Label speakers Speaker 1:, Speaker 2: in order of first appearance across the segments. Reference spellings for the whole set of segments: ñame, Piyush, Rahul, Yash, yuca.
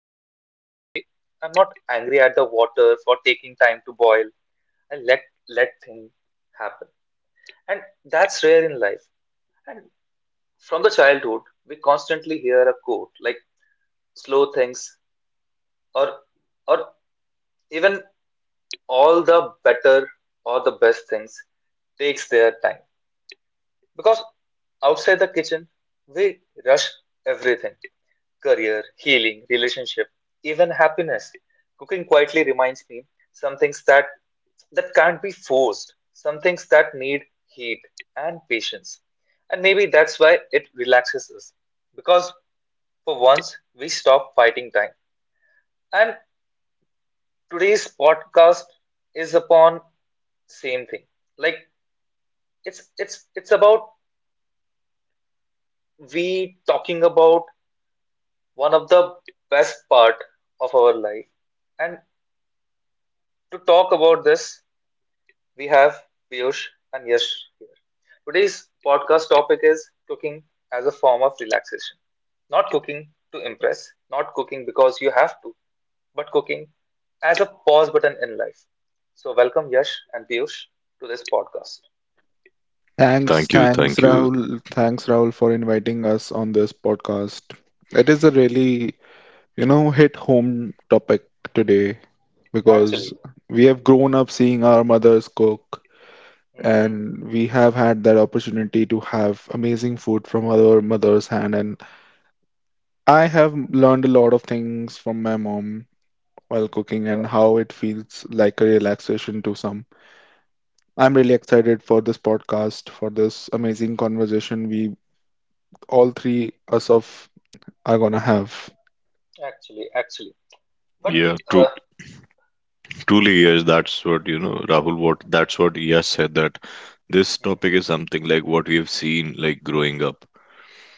Speaker 1: something very quickly. I'm not angry at the water for taking time to boil. I let things happen. And that's rare in life. And from the childhood, we constantly hear a quote like slow things or or even all the better or the best things takes their time. Because outside the kitchen, we rush everything career, healing, relationship, even happiness. Cooking quietly reminds me some things that can't be forced, some things that need heat and patience. And maybe that's why it relaxes us. Because for once we stop fighting time. And today's podcast is upon same thing. Like it's about we talking about one of the best part of our life. And to talk about this, we have Piyush and Yash here. Today's podcast topic is cooking as a form of relaxation. Not cooking to impress, not cooking because you have to, but cooking as a pause button in life. So welcome Yash and Piyush to this podcast.
Speaker 2: Thanks,
Speaker 3: Thank you,
Speaker 2: thanks,
Speaker 3: thank you.
Speaker 2: Rahul. Thanks, Rahul, for inviting us on this podcast. It is a really, hit home topic today because
Speaker 1: Actually.
Speaker 2: we have grown up seeing our mothers cook,
Speaker 1: Hmm.
Speaker 2: and we have had that opportunity to have amazing food from our mother's hand. And I have learned a lot of things from my mom while cooking and
Speaker 1: Yeah,
Speaker 2: how it feels like a relaxation to some. I'm really excited for this podcast, for this amazing conversation we all three us of are gonna have.
Speaker 1: actually, actually, but
Speaker 3: Yeah, tru
Speaker 1: uh,
Speaker 3: truly, yes, that's what, you know, Rahul, what that's what Yash said, that this topic is
Speaker 1: hmm,
Speaker 3: something like what we have seen, like growing up,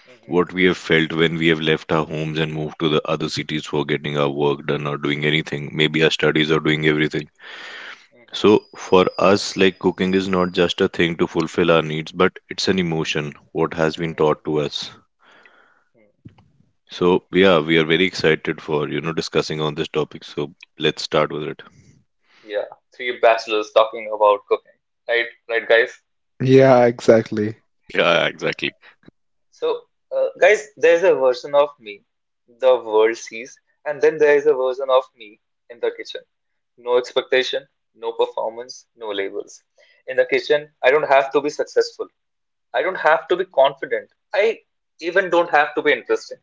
Speaker 1: hmm,
Speaker 3: what we have felt when we have left our homes and moved to the other cities for getting our work done or doing anything, maybe our studies or doing everything. So for us, like, cooking is not just a thing to fulfill our needs, but it's an emotion, what has been taught to
Speaker 1: hmm,
Speaker 3: us.
Speaker 1: hmm.
Speaker 3: So yeah, we are very excited for, you know, discussing on this topic. So let's start with it.
Speaker 1: Yeah, three bachelors talking about cooking. Right, right, guys.
Speaker 2: Yeah, exactly.
Speaker 1: Yeah.
Speaker 3: Yeah, exactly.
Speaker 1: So, guys, there's a version of me the world sees, and then there is a version of me in the kitchen. No expectation, no performance, no labels. In the kitchen, I don't have to be successful. I don't have to be confident. I even don't have to be interesting.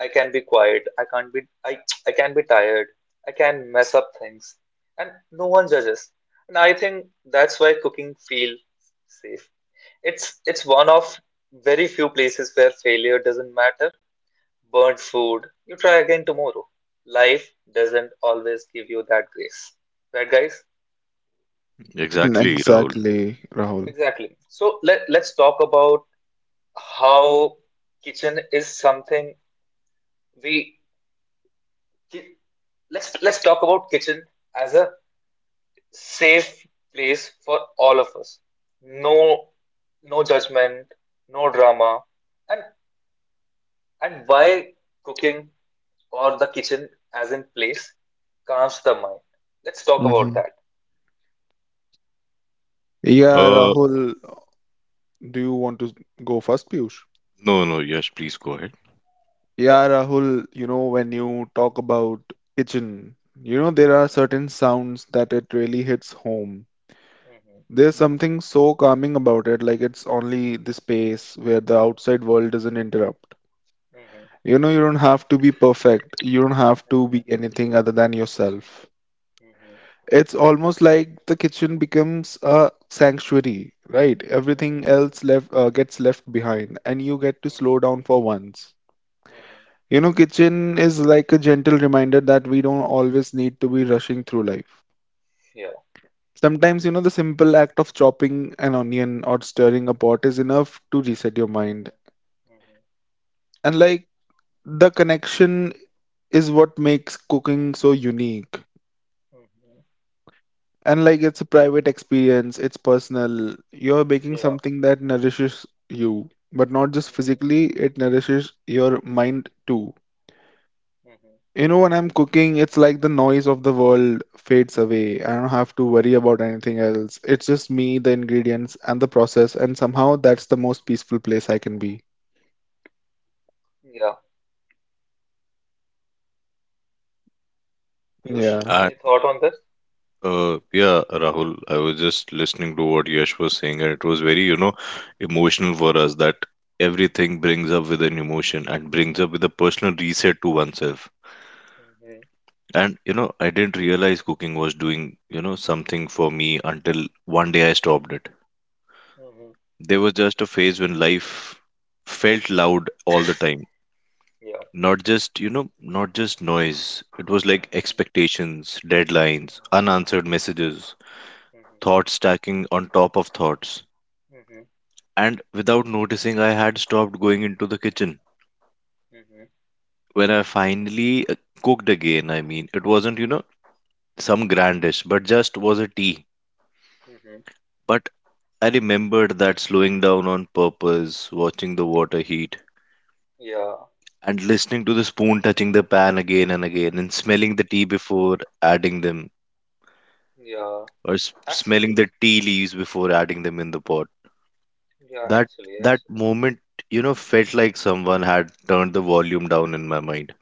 Speaker 1: I can be quiet. I can't be I can be tired. I can mess up things and no one judges. And I think that's why cooking feels safe. It's one of very few places where failure doesn't matter. Burnt food, you try again tomorrow. Life doesn't always give you that grace. Right guys?
Speaker 2: Mm,
Speaker 3: Exactly, Rahul.
Speaker 2: exactly, Rahul.
Speaker 1: Exactly. So let's talk about how kitchen is something we ki- let's talk about kitchen as a safe place for all of us, no no judgment, no drama, and and why cooking or the kitchen as in place calms the mind. Let's talk about
Speaker 2: Hmm.
Speaker 1: that.
Speaker 2: Yeah,
Speaker 3: Uh,
Speaker 2: Rahul, do you want to go first, Piyush?
Speaker 3: no, no, Yash, please go ahead.
Speaker 1: Yeah.
Speaker 2: Yeah, Rahul, you know, when you talk about kitchen, you know, there are certain sounds that it really hits home.
Speaker 1: Mhm.
Speaker 2: There's something so calming about it, like it's only the space where the outside world doesn't interrupt.
Speaker 1: Mhm. Mhm.
Speaker 2: You know, you don't have to be perfect, you don't have to be
Speaker 1: Mhm.
Speaker 2: anything other than yourself.
Speaker 1: Mhm.
Speaker 2: It's almost like the kitchen becomes a sanctuary, right?
Speaker 1: Mhm.
Speaker 2: Everything else
Speaker 1: Mhm.
Speaker 2: left gets left behind, and you get to
Speaker 1: Mhm.
Speaker 2: slow down for once.
Speaker 1: Mhm.
Speaker 2: You know, kitchen is like a gentle reminder that we don't always need to be rushing through life.
Speaker 1: Yeah.
Speaker 2: Sometimes, you know, the simple act of chopping an onion or stirring a pot is enough to reset your mind.
Speaker 1: Mhm. Mhm.
Speaker 2: And like the connection is what makes cooking so unique.
Speaker 1: Mhm.
Speaker 2: And like it's a private experience, it's personal. You're making
Speaker 1: Yeah.
Speaker 2: something that nourishes you, but not just
Speaker 1: Mhm.
Speaker 2: physically, it nourishes your mind too.
Speaker 1: Mhm.
Speaker 2: You know, when I'm cooking, it's like the noise of the world fades away. I don't have to worry about anything else. It's just me, the ingredients, and the process, and somehow that's the most peaceful place I can be.
Speaker 1: Yeah. Piyush,
Speaker 2: Yeah.
Speaker 3: And
Speaker 1: any thought on this?
Speaker 3: Yeah, Rahul, I was just listening to what Yash was saying, and it was very, you know, emotional for us, that everything brings up with an emotion and brings up with a personal reset to oneself.
Speaker 1: Mhm.
Speaker 3: And you know, I didn't realize cooking was doing, you know, something for me until one day I stopped it.
Speaker 1: Mhm.
Speaker 3: There was just a phase when life felt loud all the time.
Speaker 1: Yeah.
Speaker 3: Not just, you know, not just noise. It was like
Speaker 1: Mhm.
Speaker 3: expectations, deadlines, unanswered
Speaker 1: Mhm.
Speaker 3: messages,
Speaker 1: Mhm.
Speaker 3: thoughts stacking on top of thoughts.
Speaker 1: Mhm.
Speaker 3: And without noticing, I had stopped going into the kitchen.
Speaker 1: Mhm. Mhm.
Speaker 3: When I finally cooked again, I mean, it wasn't, you know, some grand dish, but just was a tea.
Speaker 1: Mhm.
Speaker 3: But I remembered that slowing down on purpose, watching the water heat,
Speaker 1: Yeah.
Speaker 3: and listening to the spoon touching the pan again and again, and smelling the tea before adding them,
Speaker 1: Yeah.
Speaker 3: or smelling
Speaker 1: Actually,
Speaker 3: the tea leaves before adding them in the pot.
Speaker 1: yeah,
Speaker 3: That
Speaker 1: actually,
Speaker 3: that
Speaker 1: actually.
Speaker 3: moment, you know, felt like someone had turned the volume down in my mind.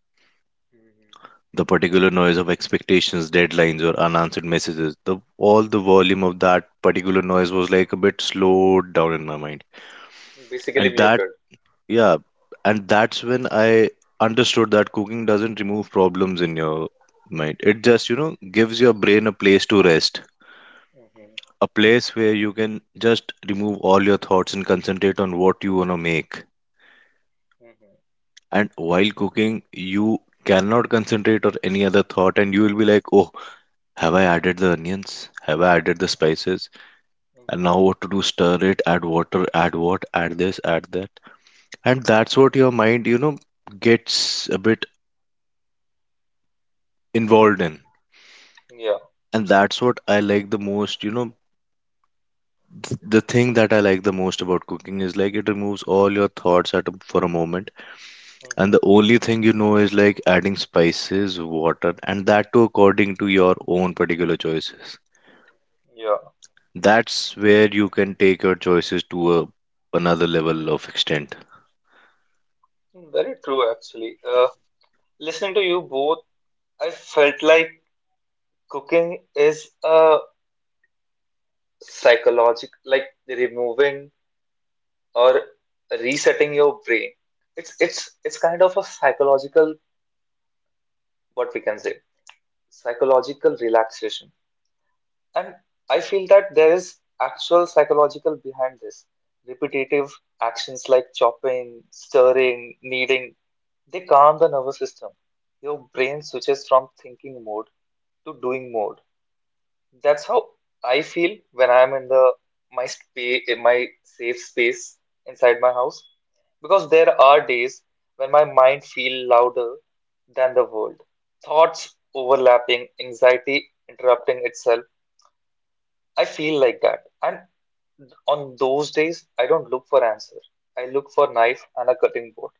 Speaker 1: Mhm.
Speaker 3: The particular noise of expectations, deadlines, or unanswered messages, the all the volume of that particular noise was like a bit slowed down in my mind.
Speaker 1: Basically
Speaker 3: And that,
Speaker 1: muted.
Speaker 3: yeah, and that's when I understood that cooking doesn't remove problems in your mind. It just, you know, gives your brain a place to rest,
Speaker 1: Mhm.
Speaker 3: a place where you can just remove all your thoughts and concentrate on what you want to make.
Speaker 1: Mhm.
Speaker 3: And while cooking, you cannot concentrate on any other thought, and you will be like, oh, have I added the onions? Have I added the
Speaker 1: Mhm.
Speaker 3: spices? And
Speaker 1: Mhm.
Speaker 3: now what to do? Stir it, add water, add what, add this, add that. And that's what
Speaker 1: Mhm.
Speaker 3: your mind, you know, gets a bit involved in.
Speaker 1: Yeah.
Speaker 3: And that's what I like the most. You know, the thing that I like the most about cooking is like, it removes all your thoughts at a, for a moment, and
Speaker 1: Mhm.
Speaker 3: the only thing you know is like adding spices, water, and that too according to your own particular choices.
Speaker 1: Yeah.
Speaker 3: That's where you can take your choices to a, another level of extent.
Speaker 1: Very true, actually. Listening to you both, I felt like cooking is a psychological, like removing or resetting your brain. It's kind of a psychological, what we can say, psychological relaxation. And I feel that there is actual psychological behind this repetitive actions like chopping, stirring, kneading. They calm the nervous system. Your brain switches from thinking mode to doing mode. That's how I feel when I am in my safe space inside my house. Because there are days when my mind feels louder than the world. Thoughts overlapping, anxiety interrupting itself. I feel like that. And on those days, I don't look for answer. I look for knife and a cutting board.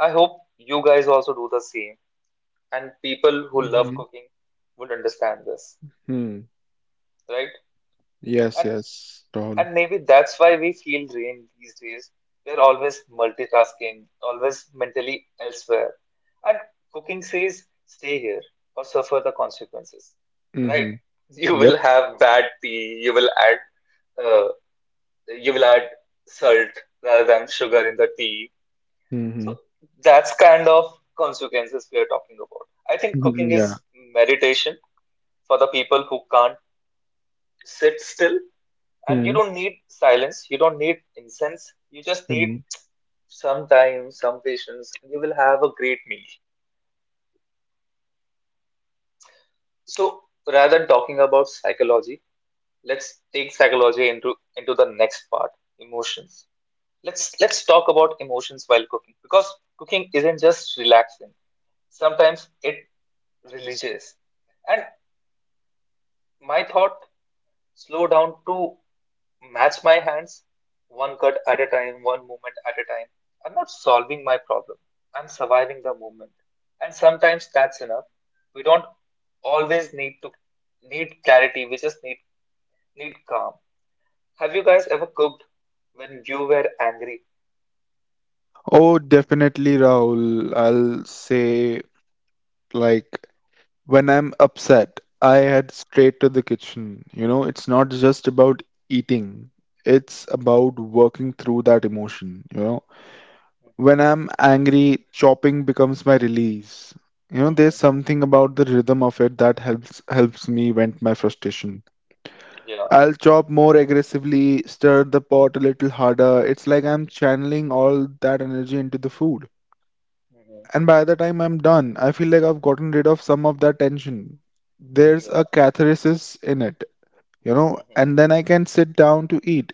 Speaker 1: I hope you guys also do the same. And people who love
Speaker 2: Hmm.
Speaker 1: cooking would understand this,
Speaker 2: Hmm.
Speaker 1: right?
Speaker 2: Yes,
Speaker 1: And
Speaker 2: yes, totally.
Speaker 1: And maybe that's why we feel drained these days. We're always multitasking, always mentally elsewhere. And cooking says, stay here or suffer the consequences. Right?
Speaker 2: Mm-hmm.
Speaker 1: You
Speaker 2: Yep.
Speaker 1: will have bad tea, uh, you will add salt rather than sugar in the tea.
Speaker 2: Mm-hmm.
Speaker 1: So that's kind of consequences we are talking about. I think cooking
Speaker 2: Yeah.
Speaker 1: is meditation for the people who can't sit still. And you
Speaker 2: Hmm.
Speaker 1: don't need silence, you don't need incense, you just need
Speaker 2: Mm-hmm.
Speaker 1: some time, some patience, and you will have a great meal. So rather than talking about psychology, let's take psychology into the next part, emotions. Let's talk about emotions while cooking because cooking isn't just relaxing. Sometimes it religious. And my thought slow down to match my hands, one cut at a time, one movement at a time. I'm not solving my problem. I'm surviving the moment. And sometimes that's enough. We don't always need clarity. We just need calm. Have you guys ever cooked when you were angry?
Speaker 2: Oh, definitely, Rahul. I'll say, like, when I'm upset, I head straight to the kitchen. You know, it's not just about eating, it's
Speaker 1: Hmm.
Speaker 2: about working through that emotion. You know,
Speaker 1: Hmm.
Speaker 2: when I'm angry, chopping becomes my release. You know,
Speaker 1: Hmm.
Speaker 2: there's
Speaker 1: Hmm.
Speaker 2: something about the rhythm of it that helps me vent my frustration.
Speaker 1: Yeah.
Speaker 2: I'll chop more aggressively, stir the pot a little harder. It's like I'm channeling all that energy into the food.
Speaker 1: Hmm.
Speaker 2: And by the time I'm done, I feel like I've gotten rid of some of that tension. There's a
Speaker 1: Yeah.
Speaker 2: catharsis in it, you know, and
Speaker 1: Hmm.
Speaker 2: then I can sit down to eat.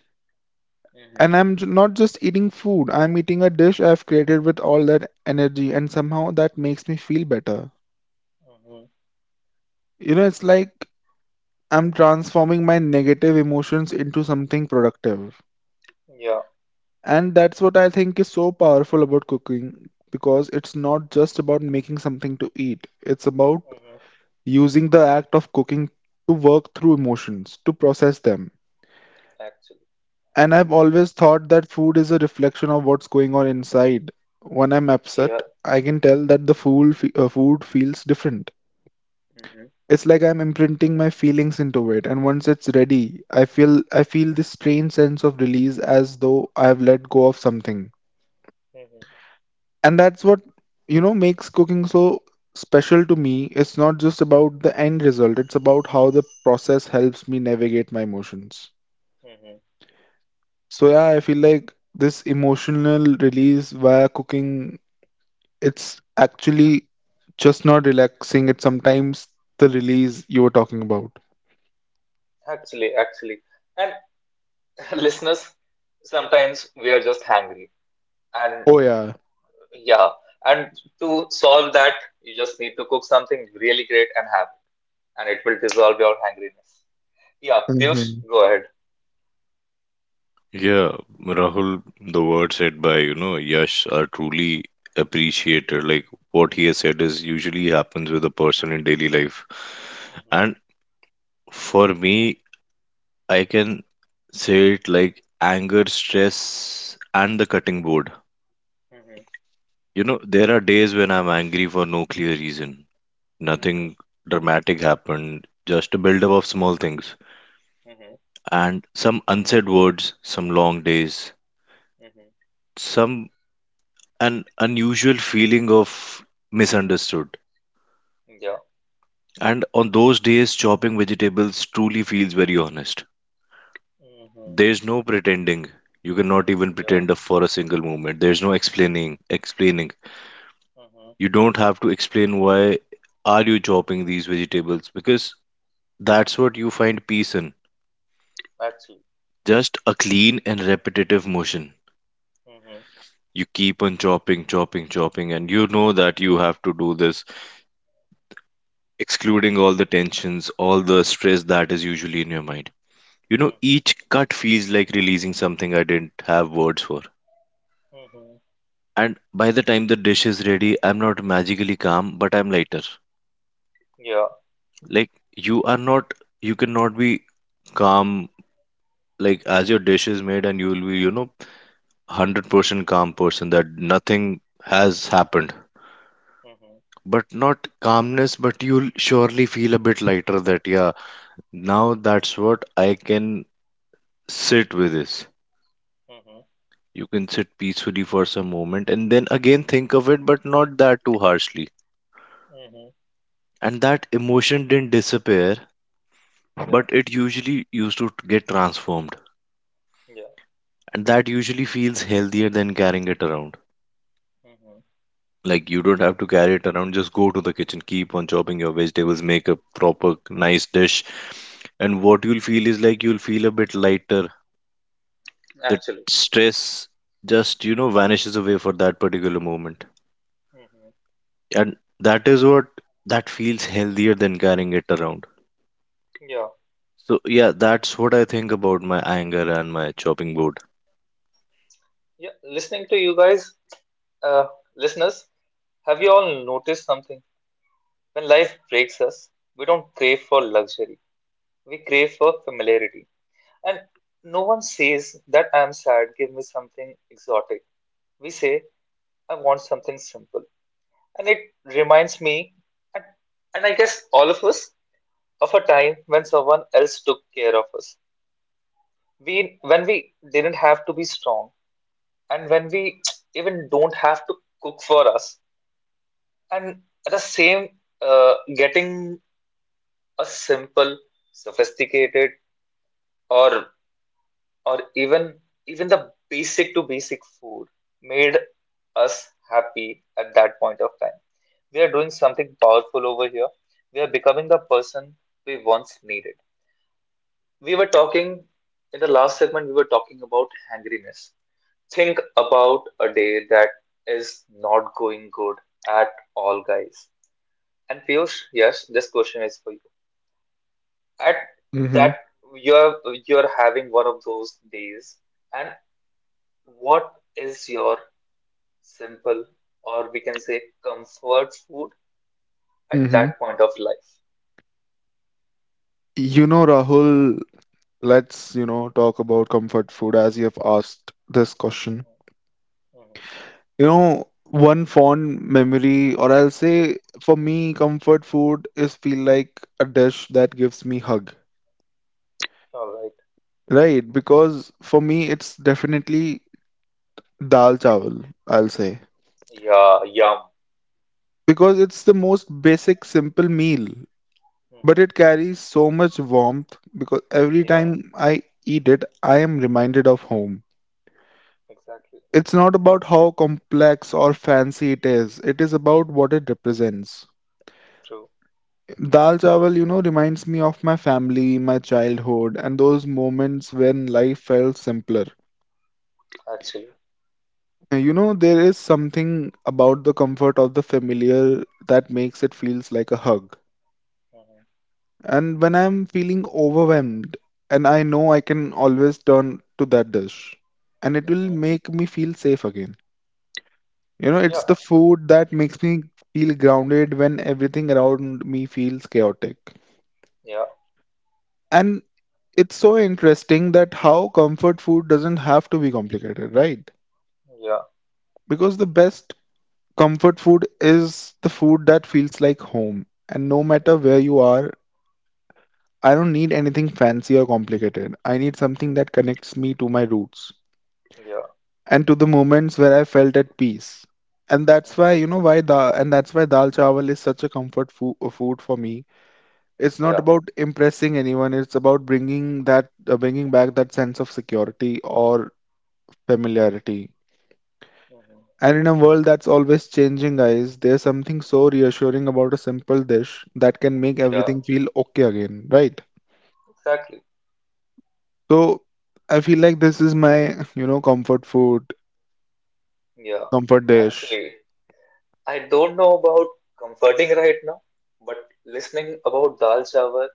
Speaker 1: Hmm.
Speaker 2: And not just eating food, I'm eating a dish I've created with all that energy, and somehow that makes me feel better.
Speaker 1: Hmm.
Speaker 2: You know, it's like I'm transforming my negative emotions into something productive.
Speaker 1: Yeah.
Speaker 2: And that's what I think is so powerful about cooking, because it's not just about making something to eat, it's about
Speaker 1: Hmm.
Speaker 2: using the act of cooking to work through emotions, to process them.
Speaker 1: Actually.
Speaker 2: And I've always thought that food is a reflection of what's going on inside. When I'm upset,
Speaker 1: Yeah.
Speaker 2: I can tell that the food feels different.
Speaker 1: Hmm.
Speaker 2: It's like I'm imprinting my feelings into it, and once it's ready, I feel this strange sense of release, as though I've let go of something.
Speaker 1: Hmm.
Speaker 2: And that's what, you know, makes cooking so special to me. It's not just about the end result, it's about how the process helps me navigate my emotions.
Speaker 1: Hmm.
Speaker 2: So yeah, I feel like this emotional release via cooking, it's actually just not relaxing, it's sometimes the release you were talking about.
Speaker 1: Actually, actually. And listeners, sometimes we are just hungry. And
Speaker 2: Oh yeah.
Speaker 1: Yeah, and to solve that, you just need to cook something really great and have it, and it will dissolve your hungriness. Yeah, Piyush,
Speaker 2: Mm-hmm.
Speaker 1: go ahead.
Speaker 3: Yeah, Rahul, the words said by, you know, Yash are truly appreciated. Like, what he has said is usually happens with a person in daily life.
Speaker 1: Mhm,
Speaker 3: And for me, I can say it like anger, stress, and the cutting board.
Speaker 1: mhm,
Speaker 3: You know, there are days when I'm angry for no clear reason.
Speaker 1: mhm,
Speaker 3: Nothing dramatic happened, just a buildup of small things.
Speaker 1: mhm,
Speaker 3: And some unsaid words, some long days,
Speaker 1: mhm.
Speaker 3: some an unusual feeling of misunderstood.
Speaker 1: Yeah,
Speaker 3: And on those days, chopping vegetables truly feels very honest.
Speaker 1: mhm,
Speaker 3: There's no pretending. You cannot even
Speaker 1: yeah,
Speaker 3: pretend for a single moment. There's no explaining. Explaining.
Speaker 1: mhm,
Speaker 3: You don't have to explain why are you chopping these vegetables, because that's what you find peace in.
Speaker 1: actually,
Speaker 3: Just a clean and repetitive motion.
Speaker 1: mhm,
Speaker 3: You keep on chopping, chopping, chopping, and you know that you have to do this, excluding all the tensions, all the stress that is usually in your mind. You know,
Speaker 1: mhm,
Speaker 3: each cut feels like releasing something I didn't have words for.
Speaker 1: mhm,
Speaker 3: And by the time the dish is ready, I'm not magically calm, but I'm lighter.
Speaker 1: yeah,
Speaker 3: Like, you are not, you cannot be calm, like, as your dish is made, and you will be, you know, 100% calm person that nothing has happened.
Speaker 1: mhm,
Speaker 3: But not calmness, but you'll surely feel a bit lighter that, yeah, now that's what I can sit with this.
Speaker 1: mhm,
Speaker 3: You can sit peacefully for some moment and then again think of it, but not that too harshly.
Speaker 1: mhm,
Speaker 3: And that emotion didn't disappear,
Speaker 1: yeah,
Speaker 3: but it usually used to get transformed.
Speaker 1: yeah,
Speaker 3: And that usually feels healthier than carrying it around.
Speaker 1: mhm,
Speaker 3: Like, you don't have to carry it around. Just go to the kitchen, keep on chopping your vegetables, make a proper nice dish. And what you'll feel is like, you'll feel a bit lighter. That
Speaker 1: actually,
Speaker 3: stress just, you know, vanishes away for that particular moment.
Speaker 1: mhm.
Speaker 3: And that is what, that feels healthier than carrying it around.
Speaker 1: Yeah,
Speaker 3: So yeah, that's what I think about my anger and my chopping board.
Speaker 1: yeah. Listening to you guys, Uh, listeners, have you all noticed something? When life breaks us, we don't crave for luxury. We crave for familiarity. And no one says that I'm sad, give me something exotic. We say, I want something simple. And it reminds me, and, and I guess all of us, of a time when someone else took care of us. When we didn't have to be strong, and when we even don't have to cook for us. And at the same, getting a simple, sophisticated, or or even the basic to basic food made us happy at that point of time. We are doing something powerful over here. We are becoming the person we once needed. We were talking in the last segment. We were talking about hangriness. Think about a day that is not going good at all, guys. And Piyush, yes, this question is for you. At that
Speaker 2: Mm-hmm.
Speaker 1: you're you're having one of those days, and what is your simple or we can say comfort food at
Speaker 2: Mm-hmm.
Speaker 1: that point of life?
Speaker 2: You know, Rahul, let's, you know, talk about comfort food as you have asked this question.
Speaker 1: Mhm, mhm.
Speaker 2: You know, one fond memory, or I'll say for me, comfort food is feel like a dish that gives me hug,
Speaker 1: All right.
Speaker 2: right? Because for me, it's definitely dal chawal, I'll say.
Speaker 1: Yeah. Yum.
Speaker 2: Because it's the most basic, simple meal,
Speaker 1: Hmm.
Speaker 2: but it carries so much warmth because every
Speaker 1: Yeah.
Speaker 2: time I eat it, I am reminded of home.
Speaker 1: Exactly.
Speaker 2: It's not about how complex or fancy it is about what it represents.
Speaker 1: True.
Speaker 2: Dal chawal, you know, reminds me of my family, my childhood, and those moments when life felt simpler.
Speaker 1: Actually.
Speaker 2: And you know, there is something about the comfort of the familiar that makes it feels like a hug.
Speaker 1: Hmm.
Speaker 2: And when I'm feeling overwhelmed, and I know I can always turn to that dish, and it will
Speaker 1: Hmm.
Speaker 2: make me feel safe again. You know,
Speaker 1: Yeah.
Speaker 2: it's the food that makes me feel grounded when everything around me feels chaotic.
Speaker 1: Yeah.
Speaker 2: And it's so interesting that how comfort food doesn't have to be complicated, right?
Speaker 1: Yeah.
Speaker 2: Because the best comfort food is the food that feels like home. And no matter where you
Speaker 1: Hmm.
Speaker 2: are, I don't need anything fancy or complicated. I need something that connects me to my roots
Speaker 1: Yeah.
Speaker 2: and to the moments where I felt at peace. And that's why, you
Speaker 1: Hmm.
Speaker 2: know, why da and that's why dal chawal is such a comfort fo food for me. It's not
Speaker 1: Yeah.
Speaker 2: about impressing anyone. It's about bringing that, bringing back that sense of security or familiarity.
Speaker 1: Hmm.
Speaker 2: And in a world that's always changing, guys, there's something so reassuring about a simple dish that can make
Speaker 1: Yeah.
Speaker 2: everything feel okay again, right?
Speaker 1: Exactly.
Speaker 2: So I feel like this is my, you know, comfort food,
Speaker 1: Yeah.
Speaker 2: comfort dish.
Speaker 1: Actually, I don't know about comforting right now, but listening about dal chawar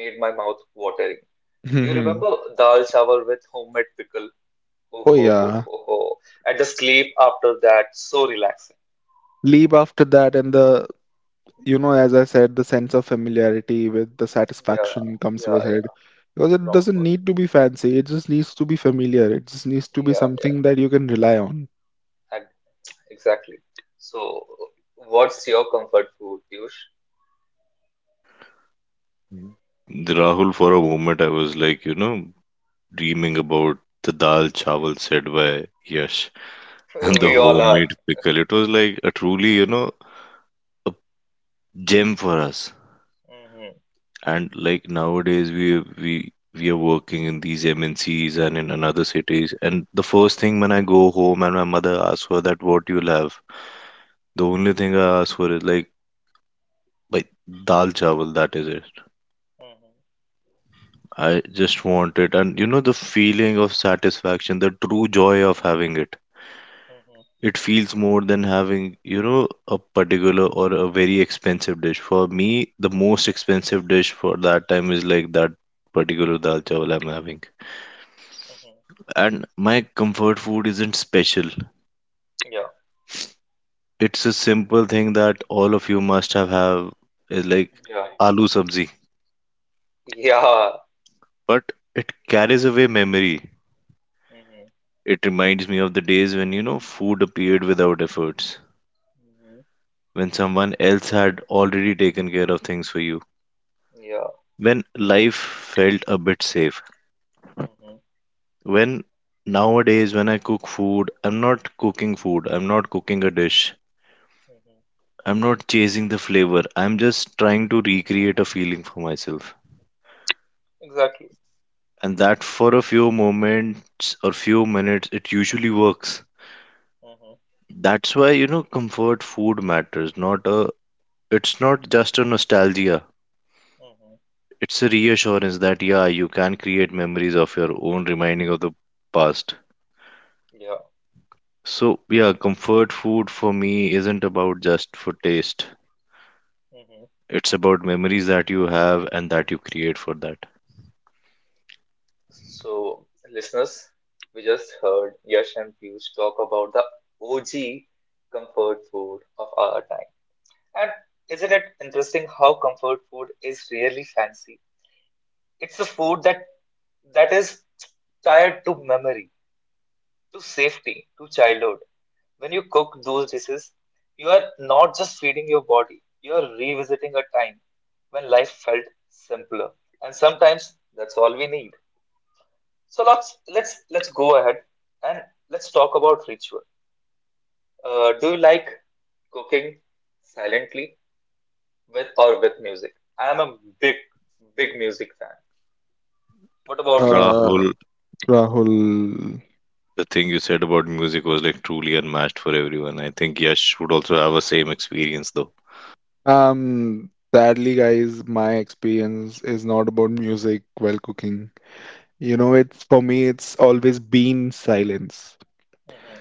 Speaker 1: made my mouth watering. Do you
Speaker 2: Hmm.
Speaker 1: remember dal chawar with homemade pickle? Oh
Speaker 2: Oh
Speaker 1: ho ho
Speaker 2: yeah.
Speaker 1: ho ho! And the sleep after that, so relaxing.
Speaker 2: Leap after that and the, you know, as I said, the sense of familiarity with the
Speaker 1: Yeah,
Speaker 2: satisfaction comes
Speaker 1: yeah,
Speaker 2: with it.
Speaker 1: yeah.
Speaker 2: Because it doesn't
Speaker 1: Proper.
Speaker 2: need to be fancy, it just needs to be familiar. It just needs to be
Speaker 1: Yeah, yeah.
Speaker 2: something that you can rely on.
Speaker 1: And exactly. So, what's your comfort food, Piyush?
Speaker 3: Mhm. Rahul, for a moment I was like, you know, dreaming about the dal chawal said by Yash, and the
Speaker 1: We all are.
Speaker 3: homemade pickle. It was like a truly, you know, a gem for us.
Speaker 1: Hmm.
Speaker 3: And like, nowadays, we are working in these MNCs and in another cities. And the first
Speaker 1: Hmm.
Speaker 3: thing when I go home and my mother asks for that, what you'll have, the only thing I ask for is like, by dal chawal. That is it.
Speaker 1: Hmm.
Speaker 3: I just want it, and you know the feeling of satisfaction, the true joy of having it.
Speaker 1: Hmm.
Speaker 3: It feels more than having, you know, a particular or a very expensive dish. For me, the most expensive dish for that time is like that particular dal chawal I'm having.
Speaker 1: Hmm.
Speaker 3: And my comfort food isn't special.
Speaker 1: Yeah.
Speaker 3: It's a simple thing that all of you must have is like
Speaker 1: Yeah.
Speaker 3: aloo sabzi.
Speaker 1: Yeah.
Speaker 3: But it carries away memory. It reminds me of the days when, you know, food appeared without efforts,
Speaker 1: Hmm.
Speaker 3: when someone else had already taken care of things for you,
Speaker 1: Yeah.
Speaker 3: when life felt a bit safe.
Speaker 1: Mm-hmm.
Speaker 3: When nowadays, when I cook food, I'm not cooking food, I'm not cooking a dish,
Speaker 1: Mm-hmm.
Speaker 3: I'm not chasing the flavor, I'm just trying to recreate a feeling for myself.
Speaker 1: Exactly.
Speaker 3: And that for a few moments or few minutes, it usually works.
Speaker 1: Mm-hmm.
Speaker 3: That's why, you know, comfort food matters, not a, it's not just a nostalgia.
Speaker 1: Mm-hmm.
Speaker 3: It's a reassurance that, yeah, you can create memories of your own, reminding of the past.
Speaker 1: Yeah.
Speaker 3: So, yeah, comfort food for me isn't about just for taste.
Speaker 1: Mm-hmm.
Speaker 3: It's about memories that you have and that you create for that.
Speaker 1: So, listeners, we just heard Yash and Piyush talk about the OG comfort food of our time. And isn't it interesting how comfort food is really fancy? It's a food that that is tied to memory, to safety, to childhood. When you cook those dishes, you are not just feeding your body, you are revisiting a time when life felt simpler. And sometimes that's all we need. So let's go ahead and let's talk about ritual. Do you like cooking silently with or with music? I am a big big music fan. What about you?
Speaker 2: Uh,
Speaker 3: Rahul,
Speaker 2: Rahul.
Speaker 3: the thing you said about music was like truly unmatched for everyone. I think Yash would also have a same experience though.
Speaker 2: Sadly, guys, my experience is not about music while cooking. You know, it's for me, it's always been silence
Speaker 1: Hmm.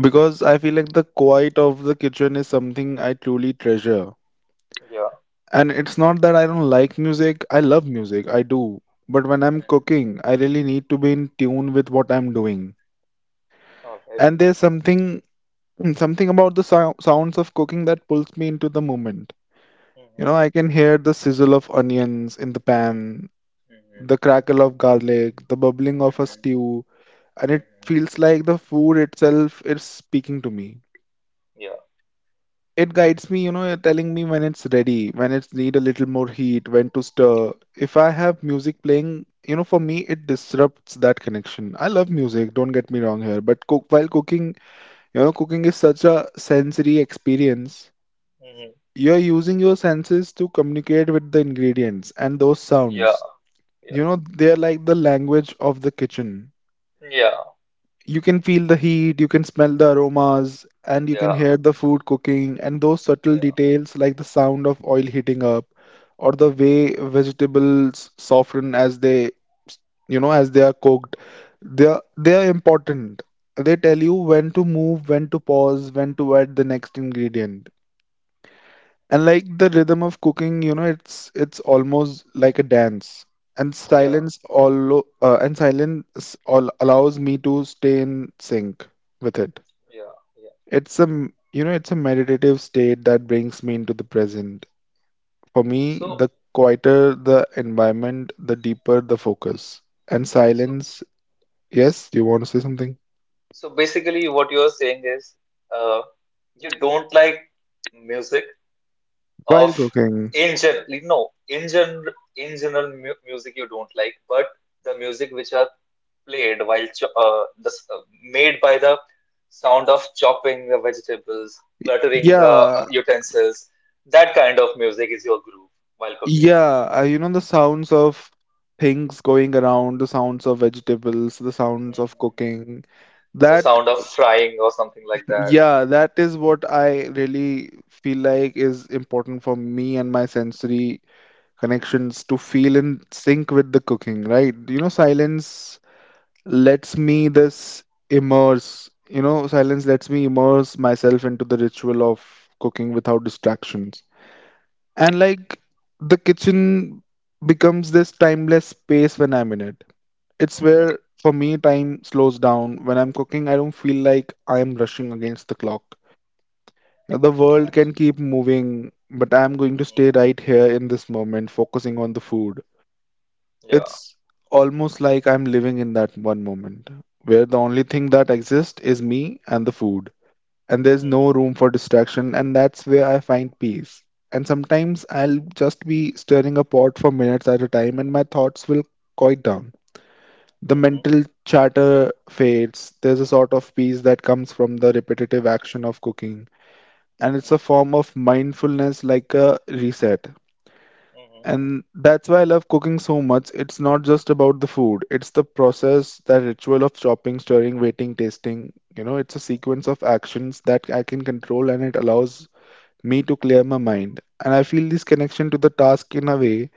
Speaker 2: because I feel like the quiet of the kitchen is something I truly treasure.
Speaker 1: Yeah.
Speaker 2: And it's not that I don't like music, I love music, I do. But when I'm
Speaker 1: Mhm.
Speaker 2: cooking, I really need to be in tune with what I'm doing.
Speaker 1: All right.
Speaker 2: And there's something about the sounds of cooking that pulls me into the moment. You
Speaker 1: Mhm.
Speaker 2: know, I can hear the sizzle of onions in the
Speaker 1: Mhm.
Speaker 2: pan,
Speaker 1: Mhm.
Speaker 2: the crackle of garlic, the bubbling of a
Speaker 1: Mhm.
Speaker 2: stew, and it
Speaker 1: Mhm.
Speaker 2: feels like the food itself is speaking to me.
Speaker 1: Yeah.
Speaker 2: It guides me, you know, telling me when it's ready, when it's need a little more heat, when to stir. If I have music playing, you know, for me it disrupts that connection. I love music, don't get me wrong here, but cook while cooking, you know, cooking is such a sensory experience.
Speaker 1: Hmm.
Speaker 2: You're using your senses to communicate with the ingredients and those
Speaker 1: Yeah.
Speaker 2: sounds.
Speaker 1: Yeah.
Speaker 2: You know, they're like the language of the kitchen.
Speaker 1: Yeah.
Speaker 2: You can feel the heat, you can smell the aromas, and you can
Speaker 1: Yeah.
Speaker 2: hear the food cooking, and those subtle
Speaker 1: Yeah.
Speaker 2: details like the sound of oil heating up or the way
Speaker 1: Hmm.
Speaker 2: vegetables soften as they, you know, as they are cooked. They are important. They tell you when to move, when to pause, when to add the next ingredient. And like the rhythm of cooking, you know, it's almost like a dance. And
Speaker 1: Yeah.
Speaker 2: silence allows me to stay in sync with it.
Speaker 1: Yeah. Yeah.
Speaker 2: It's a, you know, it's a meditative state that brings me into the present. For me, the
Speaker 1: So,
Speaker 2: quieter the environment, the deeper the focus. And
Speaker 1: so,
Speaker 2: silence, yes, do you want to say something?
Speaker 1: basically, what you're saying is, uh, you don't like music of
Speaker 2: While cooking.
Speaker 1: in general, no, in general mu music you don't like, but the music which are played while made by the sound of chopping the vegetables, cluttering the
Speaker 2: Yeah,
Speaker 1: utensils, that kind of music is your groove while cooking.
Speaker 2: yeah, you know, the sounds of things going around, the sounds of vegetables, the sounds of
Speaker 1: Mm-hmm.
Speaker 2: cooking.
Speaker 1: The
Speaker 2: That,
Speaker 1: sound of frying or something like that.
Speaker 2: yeah, that is what I really feel like is important for me and my sensory connections to feel in sync with the cooking, right? You know, lets me this silence lets me immerse myself into the ritual of cooking without distractions. And like the kitchen becomes this timeless space when I'm in it. It's
Speaker 1: Mm-hmm.
Speaker 2: where for me time slows down. When I'm cooking, I don't feel like I am rushing against the clock. Now, the world can
Speaker 1: Actually,
Speaker 2: keep moving, but I'm going to stay
Speaker 1: mm-hmm.
Speaker 2: right here in this moment, focusing on the food.
Speaker 1: Yeah,
Speaker 2: It's almost like I'm living in that one moment where the only thing that exists is me and the food, and there's no
Speaker 1: mm-hmm.
Speaker 2: room for distraction, and that's where I find peace. And sometimes I'll just be stirring a pot for minutes at a time, and my thoughts will quiet down. The
Speaker 1: Mm-hmm.
Speaker 2: mental chatter fades. There's a sort of peace that comes from the repetitive action of cooking, and it's
Speaker 1: Mm-hmm.
Speaker 2: a form of mindfulness, like a reset.
Speaker 1: Mm-hmm.
Speaker 2: And that's why I love cooking so much. It's not just about the food, it's the process, that ritual of chopping, stirring, waiting, tasting. You know, it's a
Speaker 1: Mm-hmm.
Speaker 2: sequence of actions that I can control, and it allows me to clear my mind. And I feel this connection to the task in a way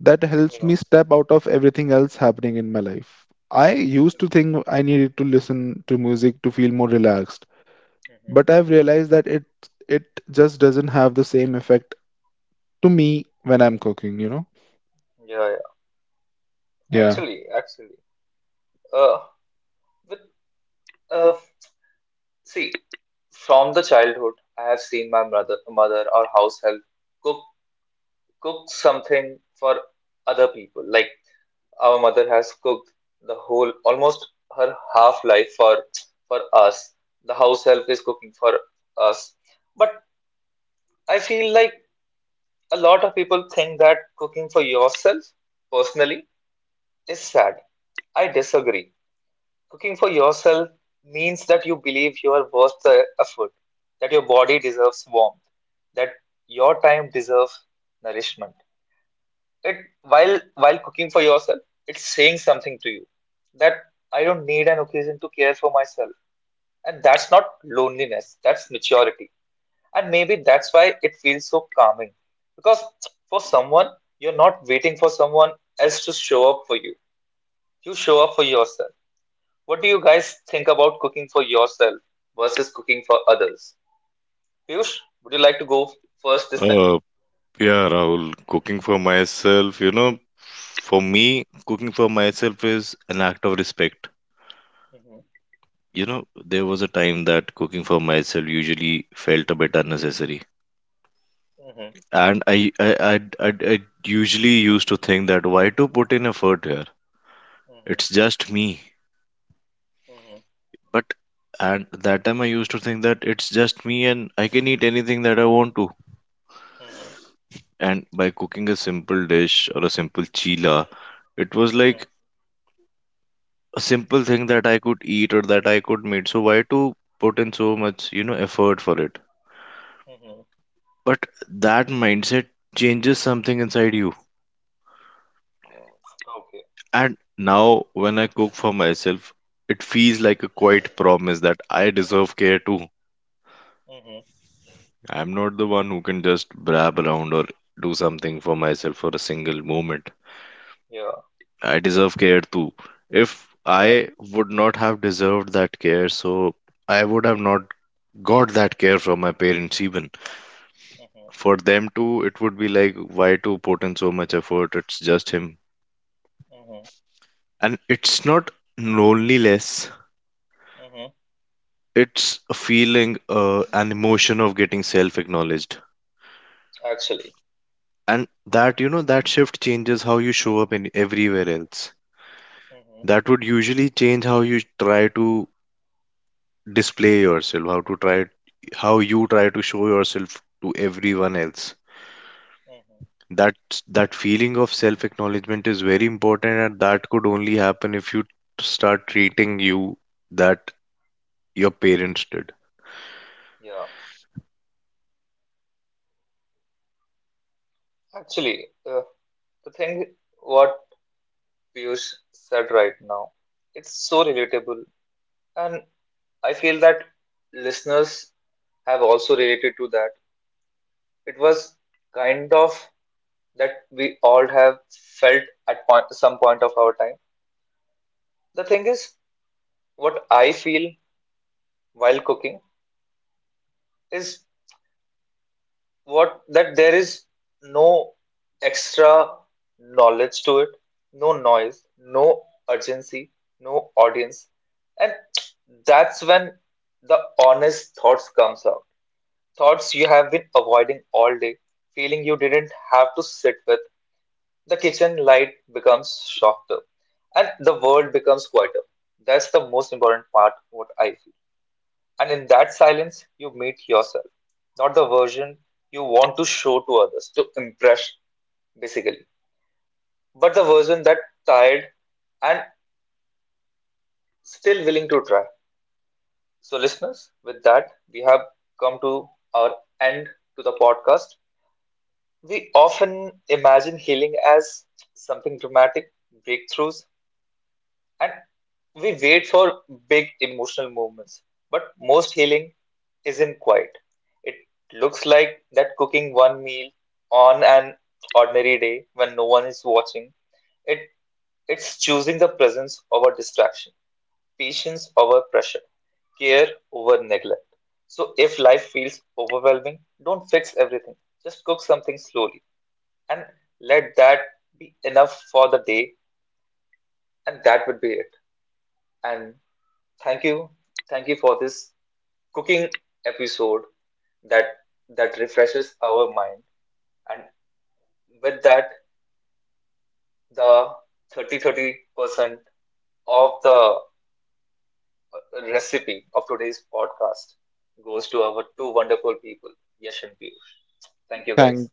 Speaker 2: that
Speaker 1: You
Speaker 2: helps me
Speaker 1: know,
Speaker 2: step out of everything else happening in my life. I used to think I needed to listen to music to feel more relaxed,
Speaker 1: mm-hmm.
Speaker 2: but I've realized that it just doesn't have the same effect to me when I'm cooking, you know?
Speaker 1: Yeah, yeah.
Speaker 2: Yeah.
Speaker 1: Actually, actually, uh, with uh, see, from the childhood, I have seen my mother or house help cook cook something for other people. Like our mother has cooked the whole, almost her half life for us. The house help is cooking for us, but I feel like a lot of people think that cooking for yourself, personally, is sad. I disagree. Cooking for yourself means that you believe you are worth the effort, that your body deserves warmth, that your time deserves nourishment. It while cooking for yourself, it's saying something to you that I don't need an occasion to care for myself. And that's not loneliness, that's maturity. And maybe that's why it feels so calming. Because for someone, you're not waiting for someone else to show up for you. You show up for yourself. What do you guys think about cooking for yourself versus cooking for others? Piyush, would you like to go first this time?
Speaker 3: Uh, yeah, Rahul, cooking for myself, you know, for me, cooking for myself is an act of respect.
Speaker 1: Mm-hmm.
Speaker 3: You know, there was a time that cooking for myself usually felt a bit unnecessary.
Speaker 1: Mm-hmm.
Speaker 3: And I usually used to think that why to put in effort here?
Speaker 1: Mm-hmm.
Speaker 3: It's just me.
Speaker 1: Mm-hmm.
Speaker 3: But at that time, I used to think that it's just me and I can eat anything that I want to. And by cooking a simple dish or a simple chila, it was
Speaker 1: Mm-hmm.
Speaker 3: like a simple thing that I could eat or that I could make. So why to put in so much, you know, effort for it?
Speaker 1: Mm-hmm. Mm-hmm.
Speaker 3: But that mindset changes something inside you.
Speaker 1: Okay.
Speaker 3: And now when I cook for myself, it feels like a quiet promise that I deserve care too.
Speaker 1: Mm-hmm.
Speaker 3: I'm not the one who can just brab around or do something for myself for a single moment.
Speaker 1: Yeah.
Speaker 3: I deserve care too. If
Speaker 1: Yeah.
Speaker 3: I would not have deserved that care, so I would have not got that care from my parents even.
Speaker 1: Mm-hmm.
Speaker 3: For them too, it would be like, why to put in so much effort? It's just him.
Speaker 1: Mm-hmm.
Speaker 3: And it's not loneliness,
Speaker 1: Mm-hmm.
Speaker 3: it's a feeling, an emotion of getting self acknowledged.
Speaker 1: Actually.
Speaker 3: And that, you know, that shift changes how you show up in everywhere else.
Speaker 1: Mm-hmm.
Speaker 3: That would usually change how you try to display yourself, how to try, how you try to show yourself to everyone else,
Speaker 1: Mm-hmm.
Speaker 3: that that feeling of self acknowledgement is very important and that could only happen if you start treating you that your parents did.
Speaker 1: Yeah. Actually, the thing what Piyush said right now. It's so relatable, and I feel that listeners have also related to that. It was kind of that we all have felt at some point of our time. The thing is, what I feel while cooking is what that there is no extra knowledge to it, no noise, no urgency, no audience, and that's when the honest thoughts comes out. Thoughts you have been avoiding all day, feeling you didn't have to sit with. The kitchen light becomes softer, and the world becomes quieter. That's the most important part. What I feel. And in that silence, you meet yourself, not the version you want to show to others, to impress, basically, but the version that tired and still willing to try. So, listeners, with that, we have come to our end to the podcast. We often imagine healing as something dramatic, breakthroughs, and we wait for big emotional moments, but most healing isn't quiet. It looks like that cooking one meal on an ordinary day when no one is watching. It it's choosing the presence over distraction, patience over pressure, care over neglect. So if life feels overwhelming, don't fix everything. Just cook something slowly and let that be enough for the day and that would be it. And thank you. Thank you for this cooking episode that that refreshes our mind. And with that, the thirty percent of the recipe of today's podcast goes to our two wonderful people, Yash and Piyush. Thank you guys.
Speaker 2: Thank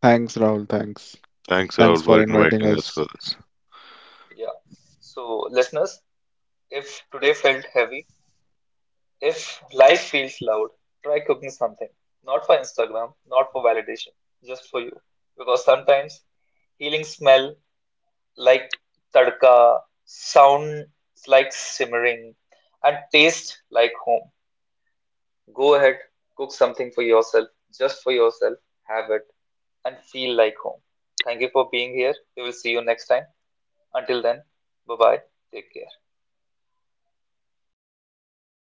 Speaker 2: Thanks, Rahul. Thanks.
Speaker 3: Thanks,
Speaker 2: Thanks
Speaker 3: Rahul, for
Speaker 2: for inviting
Speaker 3: inviting us
Speaker 2: us.
Speaker 3: for this.
Speaker 1: Yeah. So listeners, if today felt heavy, if life feels loud, try cooking something. Not for Instagram, not for validation, just for you. Because sometimes healing smell like tadka, sound like simmering, and taste like home. Go ahead, cook something for yourself, just for yourself, have it, and feel like home. Thank you for being here. We will see you next time. Until then, bye bye. Take care.